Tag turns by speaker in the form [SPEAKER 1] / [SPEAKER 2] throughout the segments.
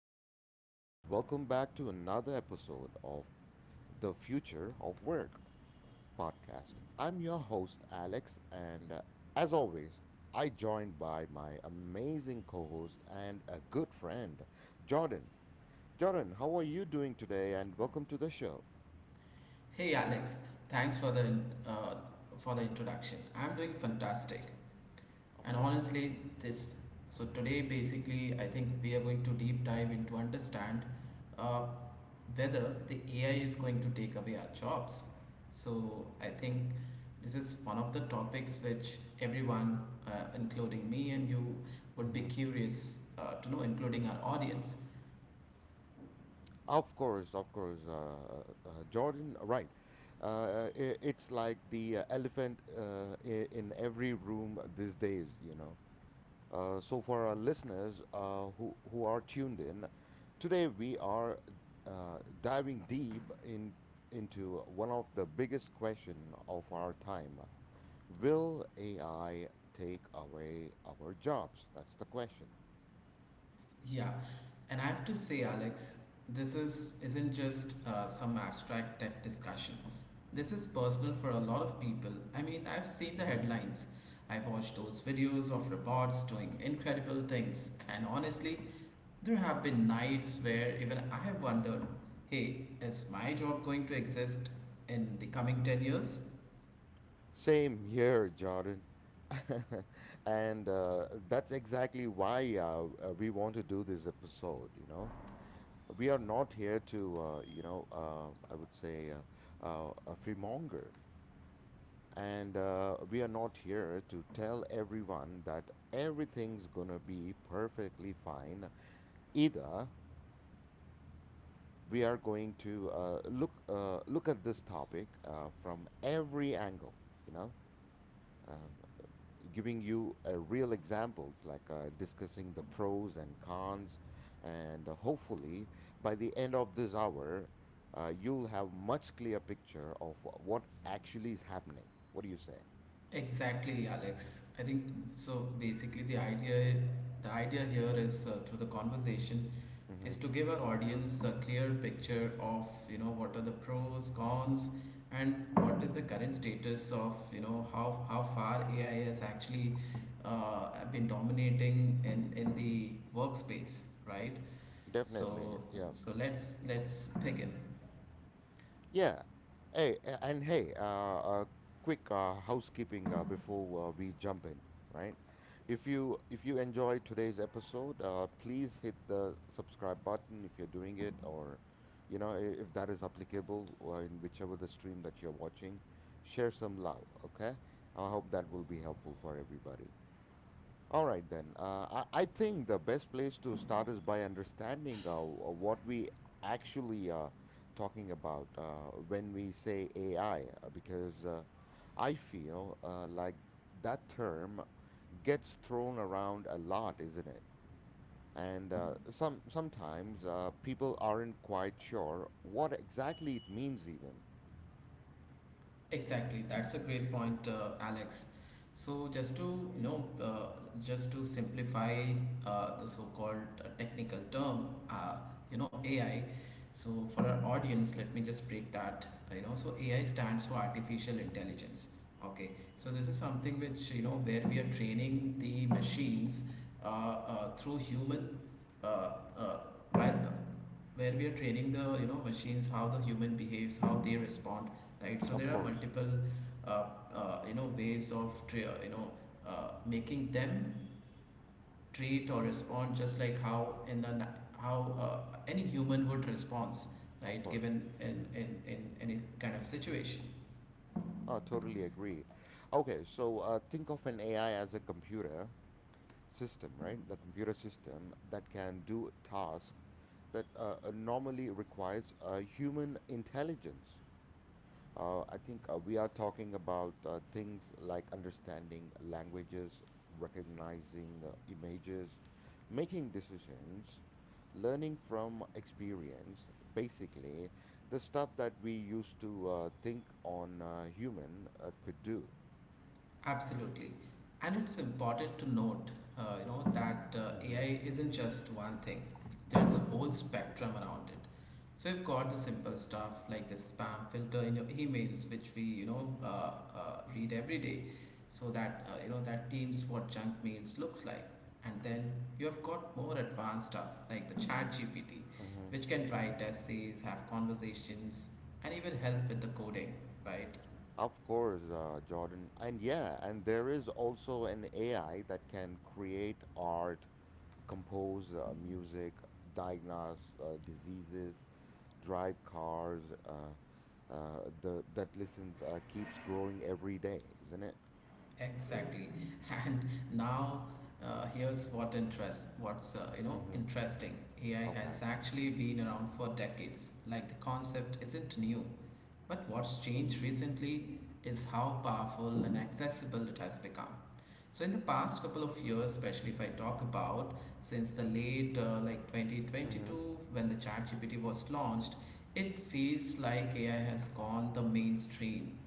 [SPEAKER 1] everyone, and welcome back to another episode of The Future of Work podcast. I'm your host, Alex, and as always, I joined by my amazing co host and a good friend, Jordan. Jordan, how are you doing today? And welcome to the show.
[SPEAKER 2] Hey Alex, thanks for uh, the introduction. I'm doing fantastic,
[SPEAKER 1] Of
[SPEAKER 2] and
[SPEAKER 1] course.
[SPEAKER 2] honestly, this so today basically I think we are going to deep dive into understand uh, whether the AI is going to take away our jobs. So I think this is one of the topics which everyone, including me and you, would be
[SPEAKER 1] Hmm.
[SPEAKER 2] curious to know, including our audience.
[SPEAKER 1] Of course, of course, uh, uh, Jordan, right, I it's like the elephant in every room these days, you know. So, for our listeners who are tuned in, today we are diving into one of the biggest question of our time. Will AI take away our jobs? That's the question.
[SPEAKER 2] Yeah, and I have to say, Alex, this is isn't just some abstract tech discussion. This is personal for a lot of people. I mean, I've seen the
[SPEAKER 1] Hmm.
[SPEAKER 2] headlines. I've watched those videos of robots doing incredible things, and honestly, there have been nights where even I have wondered, hey, is my job going to exist in the coming 10 years?
[SPEAKER 1] Same here, Jordan. And that's exactly why we want to do this episode, you know. We are not here to, I would say a fearmonger. And we are not here to tell everyone that everything's gonna be perfectly fine either. We are going to look at this topic from every angle, you know, um, giving you a real examples, like discussing the pros and cons, and hopefully by the end of this hour, you'll have much clear picture of what actually is happening. What do you say?
[SPEAKER 2] Exactly, Alex. I think so. Basically, the idea here is through the conversation
[SPEAKER 1] Mm-hmm.
[SPEAKER 2] is to give our audience a clear picture of you know what are the pros cons and what is the current status of you know how far AI has actually been dominating in the workspace, right?
[SPEAKER 1] Definitely,
[SPEAKER 2] so
[SPEAKER 1] yeah.
[SPEAKER 2] so let's let's begin.
[SPEAKER 1] Yeah. Hey, a- and hey, quick housekeeping before we jump in, right? If you enjoyed today's episode, please hit the subscribe button if you're doing it, or you know if that is applicable, or in whichever the stream that you're watching, share some love. Okay, I hope that will be helpful for everybody. All right, then. I think the best place to start is by understanding what we actually are talking about when we say AI, because I feel like that term gets thrown around a lot, isn't it? And some sometimes people aren't quite sure what exactly it means, even.
[SPEAKER 2] Exactly, that's a great point, Alex. So you know, uh, just to simplify the so-called technical term, AI. So for our audience, let me just break that. You know, so AI stands for artificial intelligence. Okay, so this is something which you know where we are training the machines uh, uh, through human, uh, uh, by, where we are training the you know machines how the human behaves, how they respond, right? So
[SPEAKER 1] Of
[SPEAKER 2] there are
[SPEAKER 1] course,
[SPEAKER 2] multiple uh, you know ways of you know making them treat or respond just like how how any human would respond,
[SPEAKER 1] of
[SPEAKER 2] right?
[SPEAKER 1] course.
[SPEAKER 2] Given in any kind of situation.
[SPEAKER 1] I totally agree. Okay, so think of an AI as a computer system, right? The computer system that can do tasks that normally requires human intelligence. I think we are talking about things like understanding languages, recognizing images, making decisions, learning from experience, basically, the stuff that we used to think on human could do.
[SPEAKER 2] Absolutely. And it's important to note, that
[SPEAKER 1] Mm-hmm.
[SPEAKER 2] AI isn't just one thing. There's a whole spectrum around it. So you've got the simple stuff like the spam filter in your emails, which we, read every day, so that you know that deems what junk mails looks like. And then you have got more advanced stuff like the Chat GPT,
[SPEAKER 1] Mm-hmm.
[SPEAKER 2] which can write essays, have conversations, and even help with the coding, right?
[SPEAKER 1] Of course, Jordan. And yeah, and there is also an AI that can create art, compose music, diagnose diseases, drive cars. Uh, the that listens keeps growing every day, isn't it?
[SPEAKER 2] Exactly. And now here's what's you know
[SPEAKER 1] Mm-hmm.
[SPEAKER 2] interesting. AI
[SPEAKER 1] Okay.
[SPEAKER 2] has actually been around for decades. Like the concept isn't new. But what's changed recently is how powerful and accessible it has become. So in the past couple of years, especially if I talk about since the late 2022 when the ChatGPT was launched, it feels like AI has gone the mainstream.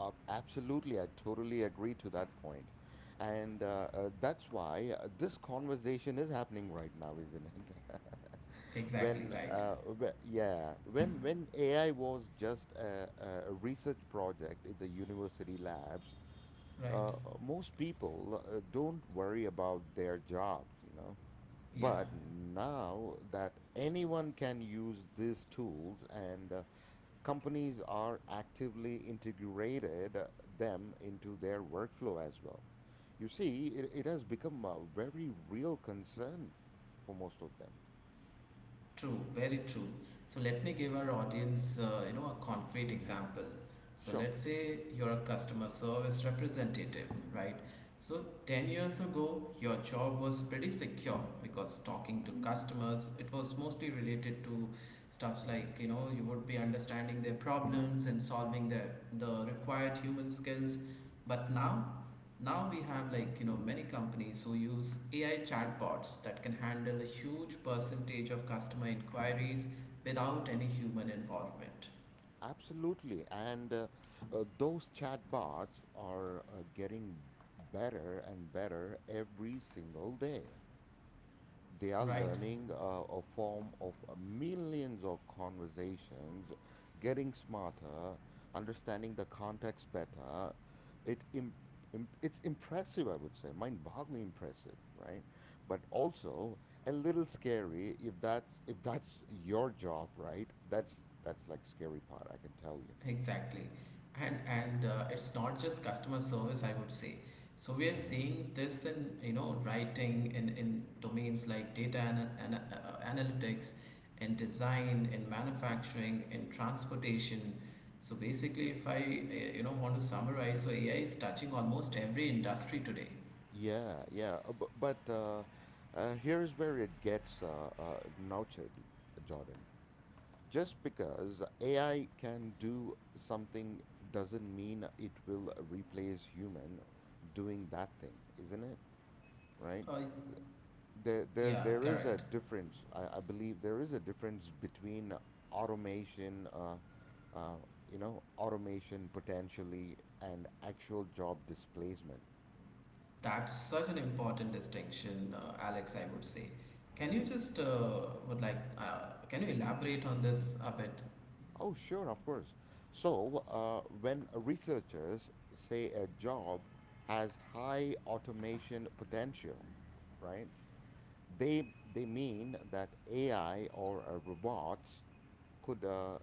[SPEAKER 1] Absolutely, I totally agree to that point. And that's why this conversation is happening right now, isn't it?
[SPEAKER 2] Exactly right.
[SPEAKER 1] Yeah, when AI was just a research project in the university labs,
[SPEAKER 2] Right.
[SPEAKER 1] uh, most people don't worry about their jobs, you know.
[SPEAKER 2] Yeah.
[SPEAKER 1] But now that anyone can use these tools and companies are actively integrated them into their workflow as well. You see, it has become a very real concern for most of them.
[SPEAKER 2] True, very true. So let me give our audience, a concrete
[SPEAKER 1] Hmm.
[SPEAKER 2] example. So
[SPEAKER 1] Sure.
[SPEAKER 2] let's say you're a customer service representative, right? So 10 years ago, your job was pretty secure because talking to customers, it was mostly related to stuffs
[SPEAKER 1] Hmm.
[SPEAKER 2] like, you know, you would be understanding their problems and solving their the required human skills. But now we have like you know many companies who use AI chatbots that can handle a huge percentage of customer inquiries without any human involvement.
[SPEAKER 1] Absolutely. And those chatbots are getting better and better every single day. They are
[SPEAKER 2] Right.
[SPEAKER 1] learning a form of millions of conversations, getting smarter, understanding the context better. It im- it's impressive, I would say, mind-boggling impressive, right? But also a little scary if that's your job, right? That's like scary part, I can tell you.
[SPEAKER 2] Exactly. And it's not just customer service, I would say. So we are
[SPEAKER 1] Hmm.
[SPEAKER 2] seeing this in you know writing in domains like data analytics, in design, in manufacturing, in transportation. So basically, if I you know want to summarize, so AI is touching almost every industry today.
[SPEAKER 1] Yeah, yeah, but Here's where it gets nurtured, Jordan. Just because AI can do something doesn't mean it will replace human doing that thing, isn't it? Right?
[SPEAKER 2] Uh,
[SPEAKER 1] There, there,
[SPEAKER 2] yeah,
[SPEAKER 1] there is a
[SPEAKER 2] correct.
[SPEAKER 1] difference. I believe there is a difference between automation, uh, you know, automation potentially and actual job displacement.
[SPEAKER 2] That's such an important distinction, Alex, I would say. Can you
[SPEAKER 1] Mm-hmm.
[SPEAKER 2] just would like can you elaborate on this a bit?
[SPEAKER 1] Oh, sure, of course. So, when researchers say a job has high automation potential, right? They they mean that AI or robots could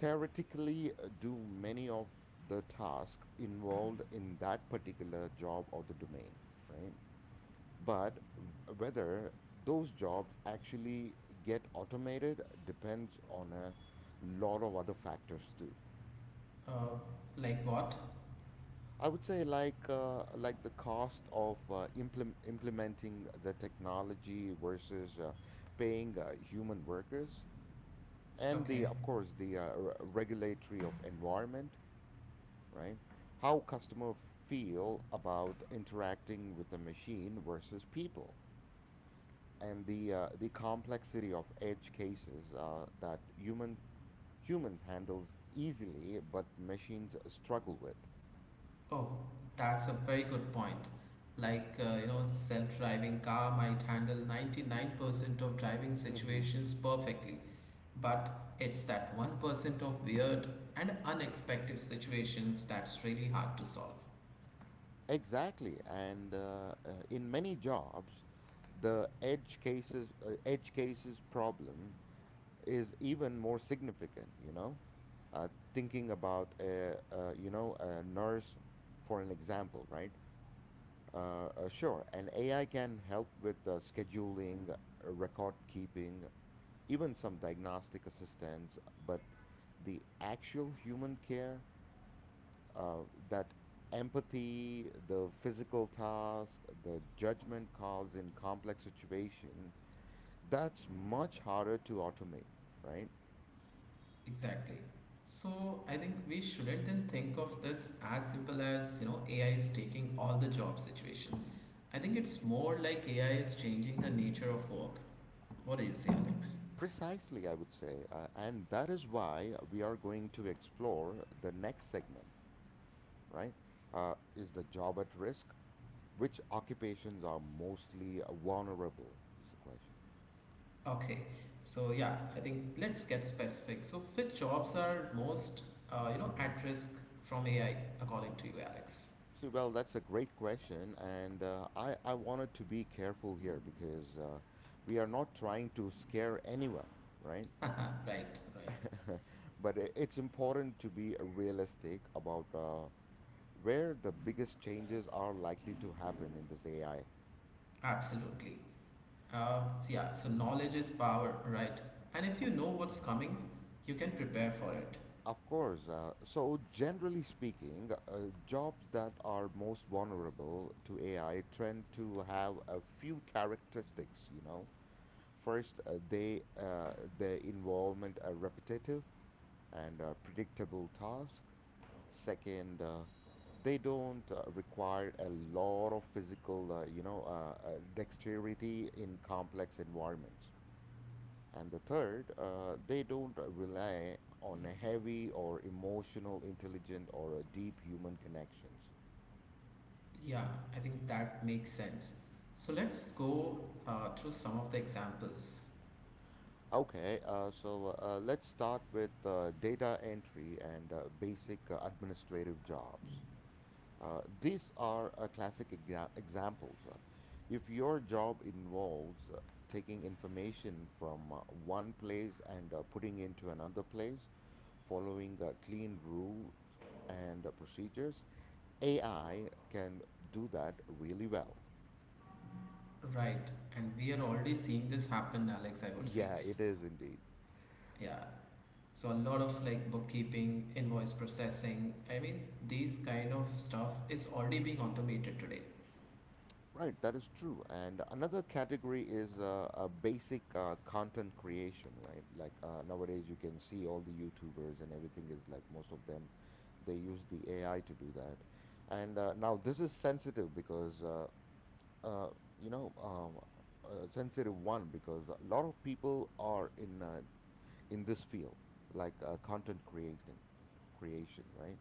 [SPEAKER 1] theoretically do many of the tasks involved in that particular job or the domain, right? But whether those jobs actually get automated depends on a lot of other factors too.
[SPEAKER 2] Uh, like what?
[SPEAKER 1] I would say like the cost of implementing the technology versus paying human workers and the
[SPEAKER 2] Okay.
[SPEAKER 1] of course the regulatory of environment, right? How customer feel about interacting with the machine versus people and the complexity of edge cases that human humans handles easily but machines struggle with.
[SPEAKER 2] Oh, that's a very good point. Like you know, self-driving car might handle 99% of driving situations perfectly, but it's that 1% of weird and unexpected situations that's really hard to solve.
[SPEAKER 1] Exactly, and in many jobs, the edge cases problem is even more significant, you know. uh, Thinking about you know a nurse, for an example, right? Sure, an AI can help with scheduling, record keeping, even some diagnostic assistance, but the actual human care uh, that empathy, the physical task, the judgment calls in complex situation, that's much harder to automate, right?
[SPEAKER 2] Exactly. So I think we shouldn't then think of this as simple as, you know, AI is taking all the job situation. I think it's more like AI is changing the nature of work. What do you say, Alex?
[SPEAKER 1] Precisely, I would say. And that is why we are going to explore the next segment, right? Is the job at risk? Which occupations are mostly vulnerable? Is the question.
[SPEAKER 2] Okay. So yeah, I think let's get specific. So which jobs are most,
[SPEAKER 1] Mm-hmm.
[SPEAKER 2] at risk from AI according to you, Alex?
[SPEAKER 1] See, well, that's a great question, and I wanted to be careful here because we are not trying to scare anyone, right?
[SPEAKER 2] Right, right.
[SPEAKER 1] But it's important to be realistic about where the biggest changes are likely to happen in this AI, right?
[SPEAKER 2] Absolutely. So yeah, so
[SPEAKER 1] Hmm.
[SPEAKER 2] knowledge is power, right? And if you
[SPEAKER 1] Of,
[SPEAKER 2] know what's
[SPEAKER 1] mhm.
[SPEAKER 2] coming, you can prepare for it.
[SPEAKER 1] Of course. Generally speaking, jobs that are most vulnerable to AI tend to have a few characteristics, you know. First, they their involvement are repetitive and predictable tasks. Second, they don't require a lot of physical, dexterity in complex environments. And the third, they don't rely on a heavy or emotional, intelligent, or a deep human connections.
[SPEAKER 2] Yeah, I think that makes sense. So let's go through some of the examples.
[SPEAKER 1] Okay, let's start with data entry and basic administrative jobs. These are classic examples. If your job involves taking information from one place and putting into another place, following clean rules and procedures, AI can do that really well.
[SPEAKER 2] Right, and we are already seeing this happen, Alex, I would say.
[SPEAKER 1] Yeah, it is indeed.
[SPEAKER 2] Yeah. So a lot of like bookkeeping, invoice processing, I mean, these kind of stuff is already being automated today.
[SPEAKER 1] Right, that is true. And another category is a basic content creation, right? Like nowadays, you can see all the YouTubers and everything is like most of them, they use the AI to do that. And now this is sensitive because, uh, you know, um, sensitive one because a lot of people are in this field, like creation, right?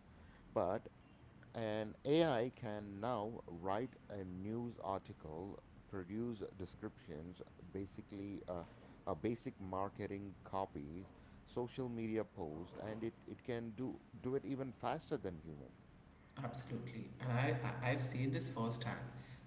[SPEAKER 1] But and AI can now write a news article, produce descriptions, basically a basic marketing copies, social media post, and it can do it even faster than human.
[SPEAKER 2] Absolutely, and I've seen this firsthand.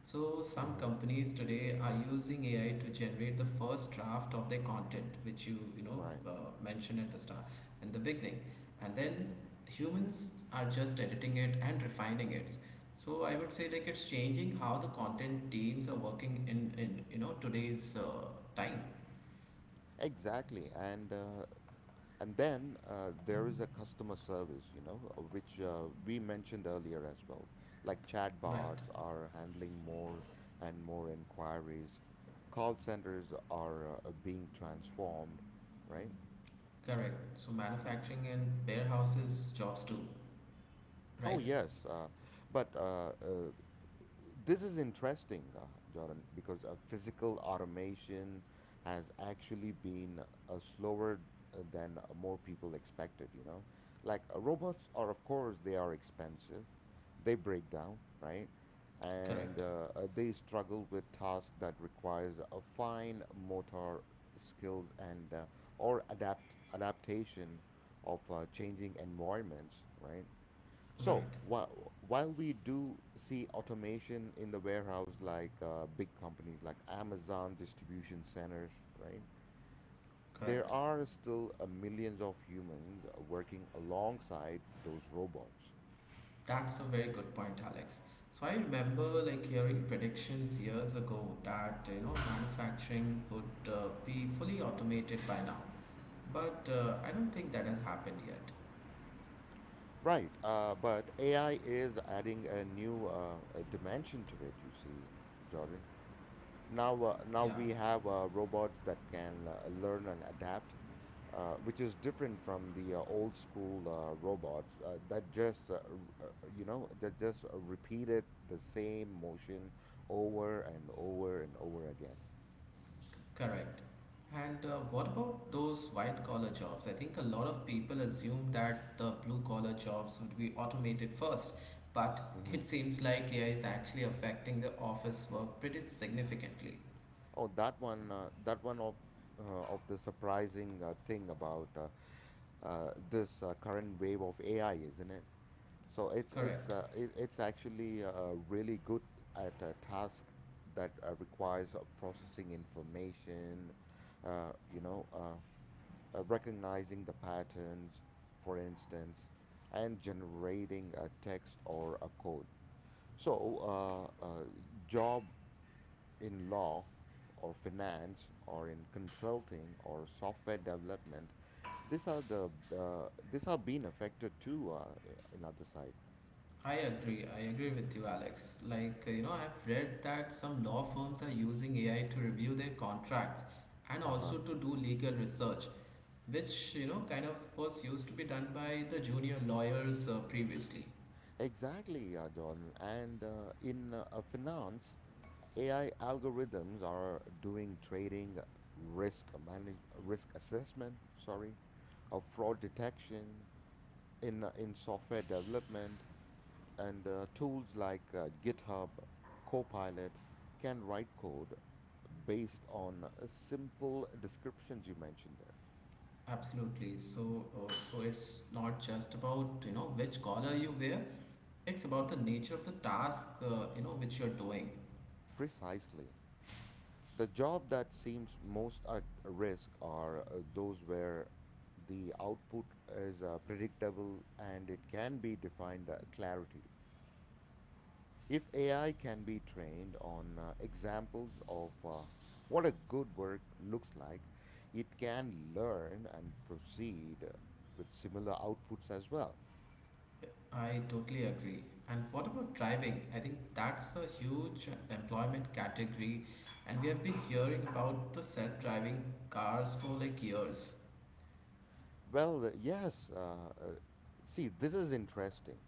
[SPEAKER 2] So some
[SPEAKER 1] Hmm.
[SPEAKER 2] companies today are using AI to generate the first draft of their content, which you know
[SPEAKER 1] Right.
[SPEAKER 2] uh, mentioned at the start, in the beginning, and then humans are just editing it and refining it. So I would say like it's changing how the content teams are working in you know today's time.
[SPEAKER 1] Exactly. And then there is a customer service, you know, which we mentioned earlier as well. Like
[SPEAKER 2] Right,
[SPEAKER 1] chatbots are handling more and more inquiries. Call centers are being transformed, right?
[SPEAKER 2] correct. So manufacturing and warehouses jobs too.
[SPEAKER 1] Oh,
[SPEAKER 2] Right,
[SPEAKER 1] yes. But This is interesting, Jordan, because physical automation has actually been slower than more people expected, you know? Like robots are, of course, they are expensive. They break down, right? And
[SPEAKER 2] correct.
[SPEAKER 1] they struggle with tasks that requires a fine motor skills and or adapt adaptation of changing environments, right? So
[SPEAKER 2] Right,
[SPEAKER 1] while we do see automation in the warehouse, like big companies like Amazon distribution centers, right? There
[SPEAKER 2] correct.
[SPEAKER 1] are still millions of humans working alongside those robots.
[SPEAKER 2] That's a very good point, Alex. So I remember like hearing predictions years ago that you know manufacturing would be fully automated by now, but I don't think that has happened yet.
[SPEAKER 1] Right, but AI is adding a new dimension to it, you see, Jordan. Now, now
[SPEAKER 2] Yeah,
[SPEAKER 1] we have robots that can learn and adapt, which is different from the old school robots that just, r- uh, you know, that just repeated the same motion over and over and over again.
[SPEAKER 2] c- correct. And what about those white collar jobs? I think a lot of people assume that the blue collar jobs would be automated first, but
[SPEAKER 1] Hmm.
[SPEAKER 2] it seems like AI is actually affecting the office work pretty significantly.
[SPEAKER 1] Oh, that one, of the surprising thing about this current wave of AI, isn't it? So
[SPEAKER 2] Correct.
[SPEAKER 1] it's actually really good at a task that requires processing information, uh, you know, uh, recognizing the patterns, for instance, and generating a text or a code. So, uh, uh, job in law or finance or in consulting or software development, these are the these are being affected too. In other side.
[SPEAKER 2] I agree. I agree with you, Alex. Like, I've read that some law firms are using AI to review their contracts and
[SPEAKER 1] Uh huh.
[SPEAKER 2] also to do legal research, which, you know, kind of was used to be done by the junior lawyers previously.
[SPEAKER 1] Exactly, yeah, Jordan. And in finance, AI algorithms are doing trading, risk assessment, sorry, fraud detection in software development, and tools like GitHub, Copilot can write code based on simple descriptions you mentioned there.
[SPEAKER 2] Absolutely. So, so it's not just about, you know, which collar you wear, it's about the nature of the task, which you're doing.
[SPEAKER 1] Precisely. The job that seems most at risk are those where the output is predictable and it can be defined clarity. If AI can be trained on examples of what a good work looks like, it can learn and proceed with similar outputs as well.
[SPEAKER 2] I totally agree. And what about driving? I think that's a huge employment category, and we have been hearing about the self driving cars for like years.
[SPEAKER 1] Yes. See, this is interesting,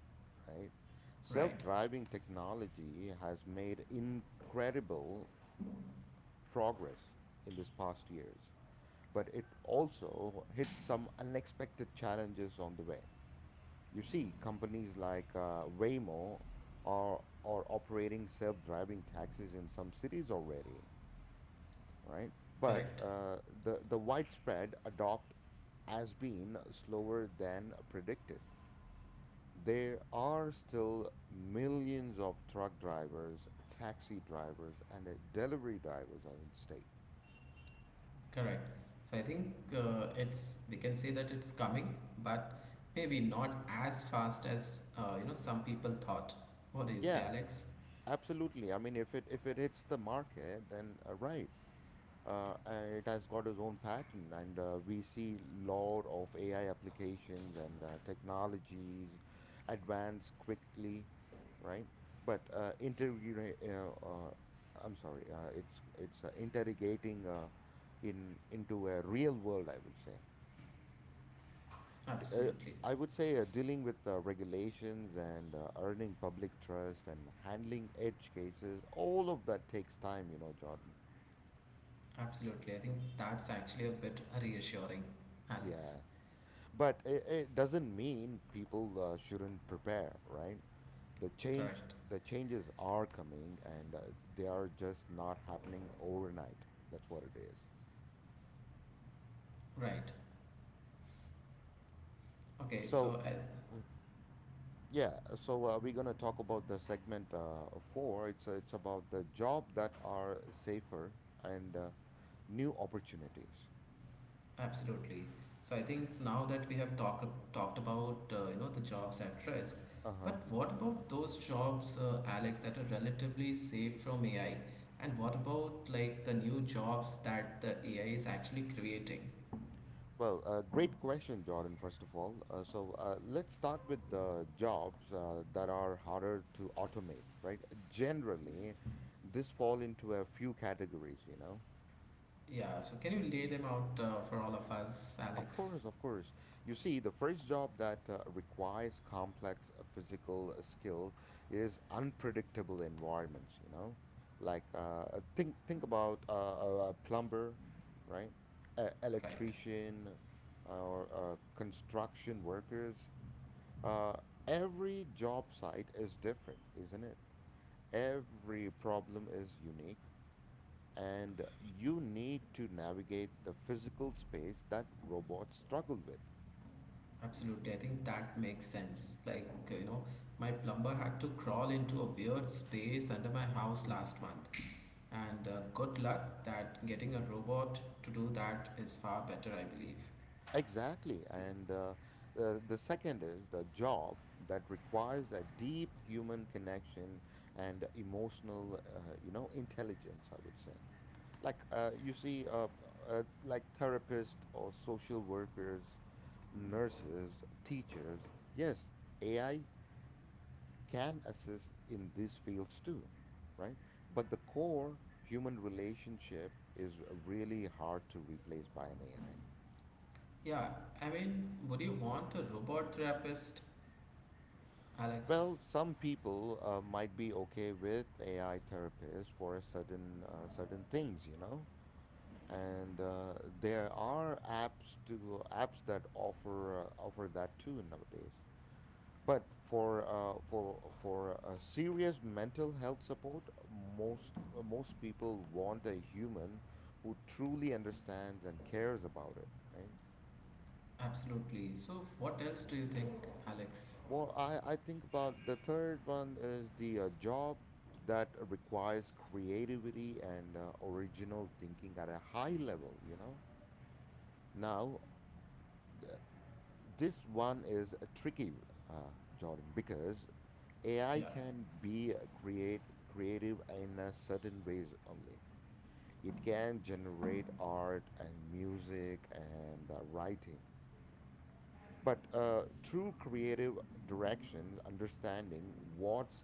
[SPEAKER 1] right? Self
[SPEAKER 2] Right,
[SPEAKER 1] driving technology has made incredible progress in this past years, but it also hit some unexpected challenges on the way. You see, companies like Waymo are operating self driving taxis in some cities already, right? But
[SPEAKER 2] correct,
[SPEAKER 1] uh, the widespread adopt has been slower than predicted. There are still millions of truck drivers, taxi drivers, and delivery drivers on the state.
[SPEAKER 2] correct. So I think it's we can say that it's coming, but maybe not as fast as you know some people thought. What do you say,
[SPEAKER 1] Yeah,
[SPEAKER 2] Alex?
[SPEAKER 1] absolutely. I mean, if it hits the market, then right. And it has got its own pattern, and we see lot of ai applications and technologies advance quickly, right. but interrogate I'm sorry It's interrogating in into a real world, I would say. D- uh,
[SPEAKER 2] Absolutely,
[SPEAKER 1] I would say dealing with regulations and earning public trust and handling edge cases, all of that takes time, you know, Jordan.
[SPEAKER 2] absolutely. I think that's actually a bit reassuring, Alex.
[SPEAKER 1] Yeah. But it doesn't mean people shouldn't prepare, right? The change,
[SPEAKER 2] Correct.
[SPEAKER 1] the changes are coming, and they are just not happening overnight. That's what it is.
[SPEAKER 2] Right. Okay.
[SPEAKER 1] So,
[SPEAKER 2] So I—
[SPEAKER 1] mm, yeah. So we're gonna talk about the segment four. It's about the job that are safer and new opportunities.
[SPEAKER 2] Absolutely. So I think now that we have talked about you know the jobs at risk,
[SPEAKER 1] Uh huh.
[SPEAKER 2] but what about those jobs, Alex, that are relatively safe from AI? And what about like the new jobs that the AI is actually creating?
[SPEAKER 1] Great question, Jordan, first of all. Let's start with the jobs that are harder to automate, right? Generally, this fall into a few categories, you know?
[SPEAKER 2] Yeah. So can you lay them out for all of us,
[SPEAKER 1] Of
[SPEAKER 2] Alex?
[SPEAKER 1] course, of course. You see, the first job that requires complex physical skill is unpredictable environments, you know? Like, think about a plumber, right? A
[SPEAKER 2] Right.
[SPEAKER 1] electrician, or construction workers. Uh, every job site is different, isn't it? Every problem is unique, and you need to navigate the physical space that robots struggle with.
[SPEAKER 2] Absolutely. I think that makes sense. Like you know, my plumber had to crawl into a weird space under my house
[SPEAKER 1] Hmm.
[SPEAKER 2] last month. And good luck that getting a robot to do that is far better, I believe.
[SPEAKER 1] Exactly. And the second is the job that requires a deep human connection and emotional, intelligence, I would say. Like uh, you see, uh, like therapists or social workers, nurses, teachers. Yes, AI can assist in these fields too, right? But the core human relationship is really hard to replace by an AI.
[SPEAKER 2] Yeah, I mean, would you want a robot therapist, Alex?
[SPEAKER 1] Well, some people might be okay with AI therapists for a certain things, you know. And there are apps that offer offer that too nowadays. But for serious mental health support, most most people want a human who truly understands and cares about it, right?
[SPEAKER 2] Absolutely. So, what else do you think, Alex?
[SPEAKER 1] Well, I think about the third one is the job that requires creativity and original thinking at a high level, you know? Now, th- this one is a tricky, uh, Jordan, because AI
[SPEAKER 2] Yeah,
[SPEAKER 1] can be create creative in a certain ways only. It can generate art and music and writing, but true creative directions, understanding what's,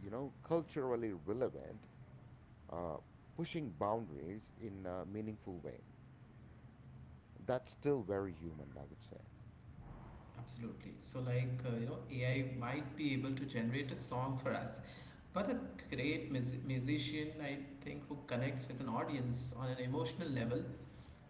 [SPEAKER 1] you know, culturally relevant, uh, pushing boundaries in a meaningful way. That's still very human, I would say.
[SPEAKER 2] absolutely. So, like, AI might be able to generate a song for us, but a great musician, I think, who connects with an audience on an emotional level,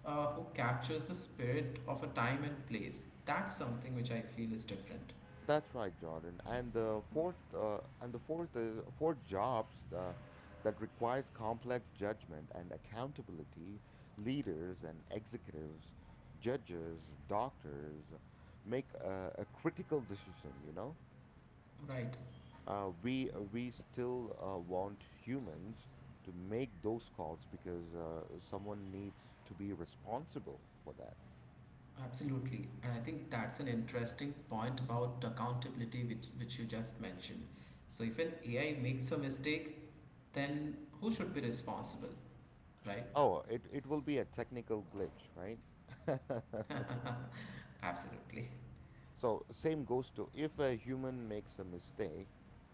[SPEAKER 2] who captures the spirit of a time and place, that's something which I feel is different.
[SPEAKER 1] That's right, Jordan. And the fourth is fourth jobs that requires complex judgment and accountability. Leaders and executives, judges, doctors make a critical decision. You know,
[SPEAKER 2] Right,
[SPEAKER 1] we still want humans to make those calls, because someone needs to be responsible for that.
[SPEAKER 2] absolutely. And I think that's an interesting point about accountability, which you just mentioned. So, if an AI makes a mistake, then who should be responsible, right?
[SPEAKER 1] Oh, it will be a technical glitch, right?
[SPEAKER 2] Absolutely.
[SPEAKER 1] So same goes to if a human makes a mistake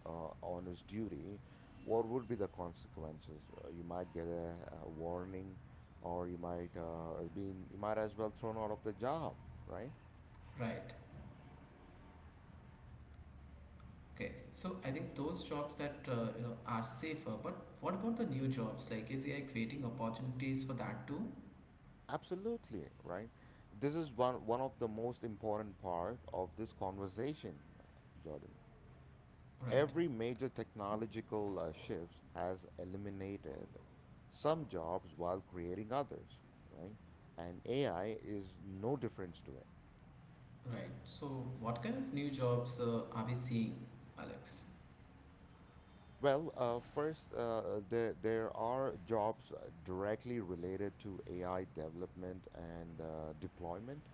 [SPEAKER 1] on his duty, what would be the consequences? You might get a warning, or you might be you might as well thrown out of the job, right?
[SPEAKER 2] Right. Okay. So, I think those jobs that you know are safer, but what about the new jobs? Like, is AI creating opportunities for that too?
[SPEAKER 1] Absolutely, right. This is one of the most important part of this conversation, Jordan.
[SPEAKER 2] Right.
[SPEAKER 1] Every major technological shift has eliminated some jobs while creating others, right? And AI is no difference to it.
[SPEAKER 2] Right. So, what kind of new jobs are we seeing, Alex?
[SPEAKER 1] Well, first, there are jobs directly related to AI development and deployment.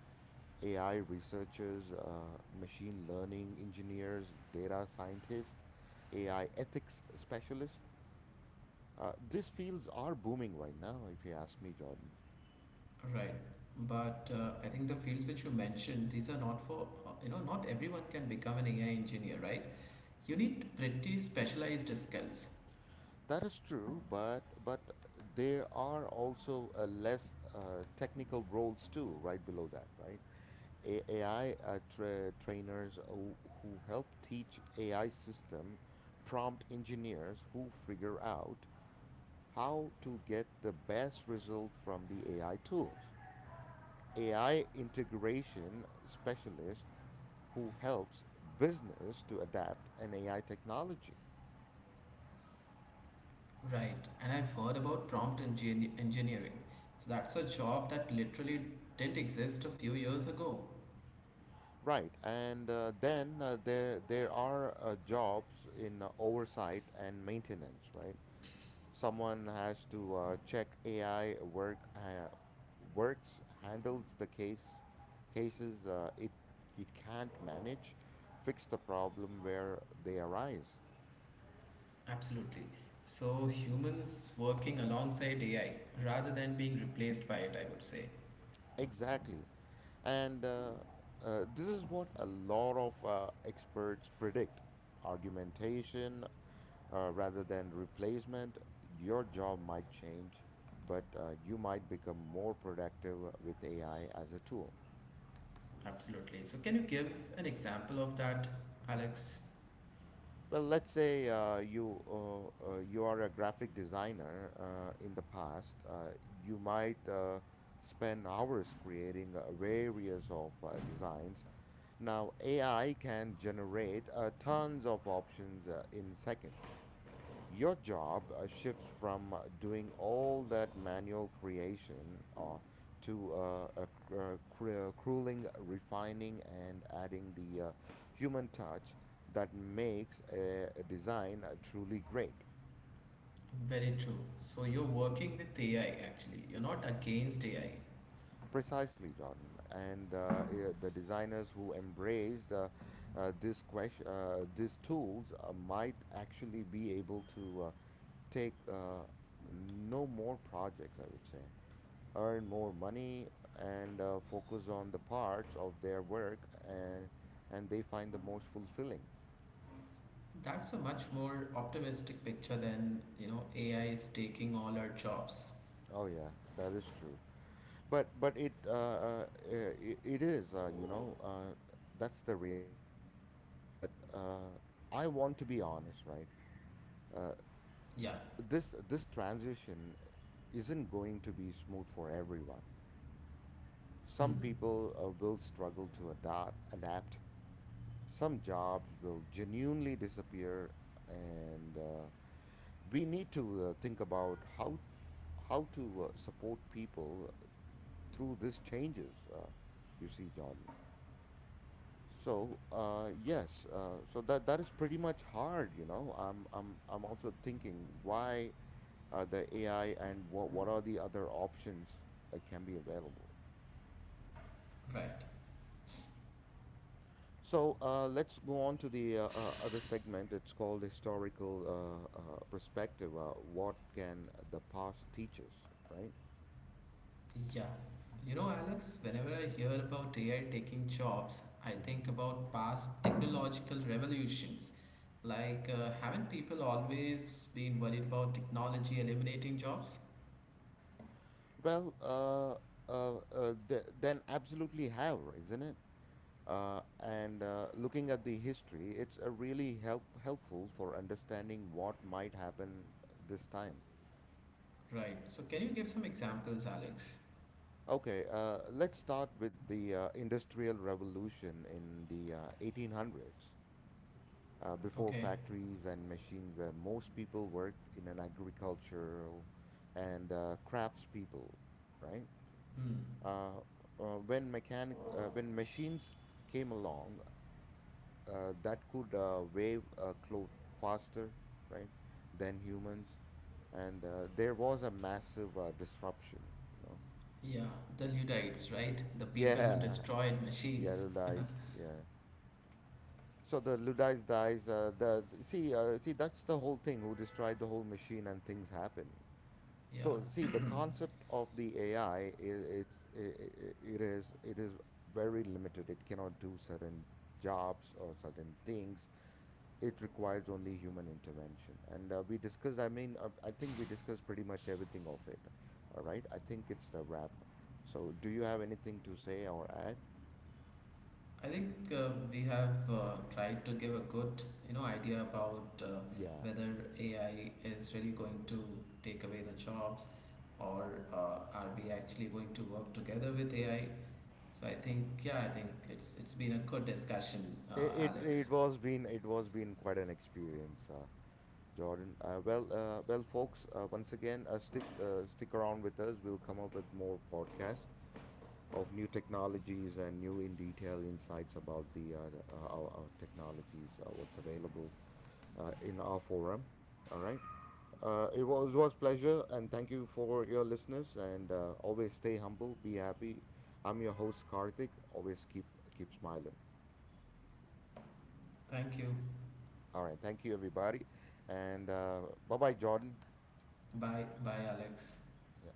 [SPEAKER 1] AI researchers, machine learning engineers, data scientists, AI ethics specialists. These fields are booming right now, if you ask me, Jordan.
[SPEAKER 2] Right. But I think the fields which you mentioned, these are not for, not everyone can become an AI engineer, right? You need pretty specialized skills.
[SPEAKER 1] That is true, but there are also less technical roles too, right below that, right? Trainers who help teach AI system, prompt engineers who figure out how to get the best result from the AI tools, AI integration specialist who helps business to adapt an AI technology.
[SPEAKER 2] Right. And I've heard about prompt engineering. So that's a job that literally didn't exist a few years ago.
[SPEAKER 1] Right, and then there are jobs in oversight and maintenance, right? Someone has to check AI works, handles the cases it can't manage, fix the problem where they arise.
[SPEAKER 2] Absolutely. So humans working alongside AI rather than being replaced by it, I would say.
[SPEAKER 1] Exactly, and this is what a lot of experts predict: argumentation rather than replacement. Your job might change, but you might become more productive with AI as a tool.
[SPEAKER 2] Absolutely. So can you give an example of that, Alex?
[SPEAKER 1] Well, let's say you are a graphic designer. In the past, you might spend hours creating various of designs. Now, AI can generate tons of options in seconds. Your job shifts from doing all that manual creation to crueling, refining, and adding the human touch that makes a design truly great.
[SPEAKER 2] Very true. So you're working with AI actually. You're not against AI.
[SPEAKER 1] Precisely, Jordan. And the designers who embraced these tools might actually be able to take no more projects, I would say, earn more money and focus on the parts of their work and they find the most fulfilling.
[SPEAKER 2] That's a much more optimistic picture than, you know, AI is taking all our jobs.
[SPEAKER 1] Oh yeah, that is true. But it is, you know, that's the reality, right? But I want to be honest, right? Uh
[SPEAKER 2] Yeah.
[SPEAKER 1] this transition isn't going to be smooth for everyone. Some
[SPEAKER 2] Mm.
[SPEAKER 1] people will struggle to adapt. Some jobs will genuinely disappear, and we need to think about how to support people through these changes, you see, john. So yes, so that is pretty much hard, you know. I'm also thinking why the ai, and what are the other options that can be available.
[SPEAKER 2] Right.
[SPEAKER 1] So let's go on to the other segment. It's called historical perspective. What can the past teach us, right?
[SPEAKER 2] Yeah. You know, Alex, whenever I hear about AI taking jobs, I
[SPEAKER 1] Hmm.
[SPEAKER 2] think about past technological revolutions. Like, haven't people always been worried about technology eliminating jobs?
[SPEAKER 1] Well, then absolutely have, isn't it? And Looking at the history, it's a really helpful for understanding what might happen this time.
[SPEAKER 2] Right. So, can you give some examples, Alex?
[SPEAKER 1] Okay, let's start with the Industrial Revolution in the 1800s. Uh, before
[SPEAKER 2] Okay.
[SPEAKER 1] factories and machines, where most people worked in an agricultural and craftspeople, right?
[SPEAKER 2] Hmm.
[SPEAKER 1] Uh, when machines came along, that could wave a cloth faster, right, than humans, and there was a massive disruption, you know.
[SPEAKER 2] Yeah, the Luddites, right? The people who
[SPEAKER 1] Yeah,
[SPEAKER 2] destroyed
[SPEAKER 1] yeah,
[SPEAKER 2] machines.
[SPEAKER 1] Luddites, yeah. So the Luddites dies. See, see, that's the whole thing. Who destroyed the whole machine and things happen. So see,
[SPEAKER 2] Yeah.
[SPEAKER 1] the concept of the AI I- it's I- it is very limited. It cannot do certain jobs or certain things. It requires only human intervention. And we discussed. I mean, I think we discussed pretty much everything of it. All right. I think it's the wrap. So, do you have anything to say or add?
[SPEAKER 2] I think we have tried to give a good, you know, idea about
[SPEAKER 1] Yeah.
[SPEAKER 2] whether AI is really going to take away the jobs or are we actually going to work together with AI. So I think, yeah, I think it's been a good discussion,
[SPEAKER 1] It it, it
[SPEAKER 2] Alex.
[SPEAKER 1] was been it was been quite an experience. Jordan. Well, folks. Once again, stick around with us. We'll come up with more podcast of new technologies and new in detail insights about our technologies, what's available in our forum. All right. It was pleasure, and thank you for your listeners. And always stay humble, be happy. I'm your host Karthik. Always keep smiling.
[SPEAKER 2] Thank you.
[SPEAKER 1] All right. Thank you, everybody, and bye bye, Jordan.
[SPEAKER 2] Bye, bye, Alex.
[SPEAKER 1] Yeah.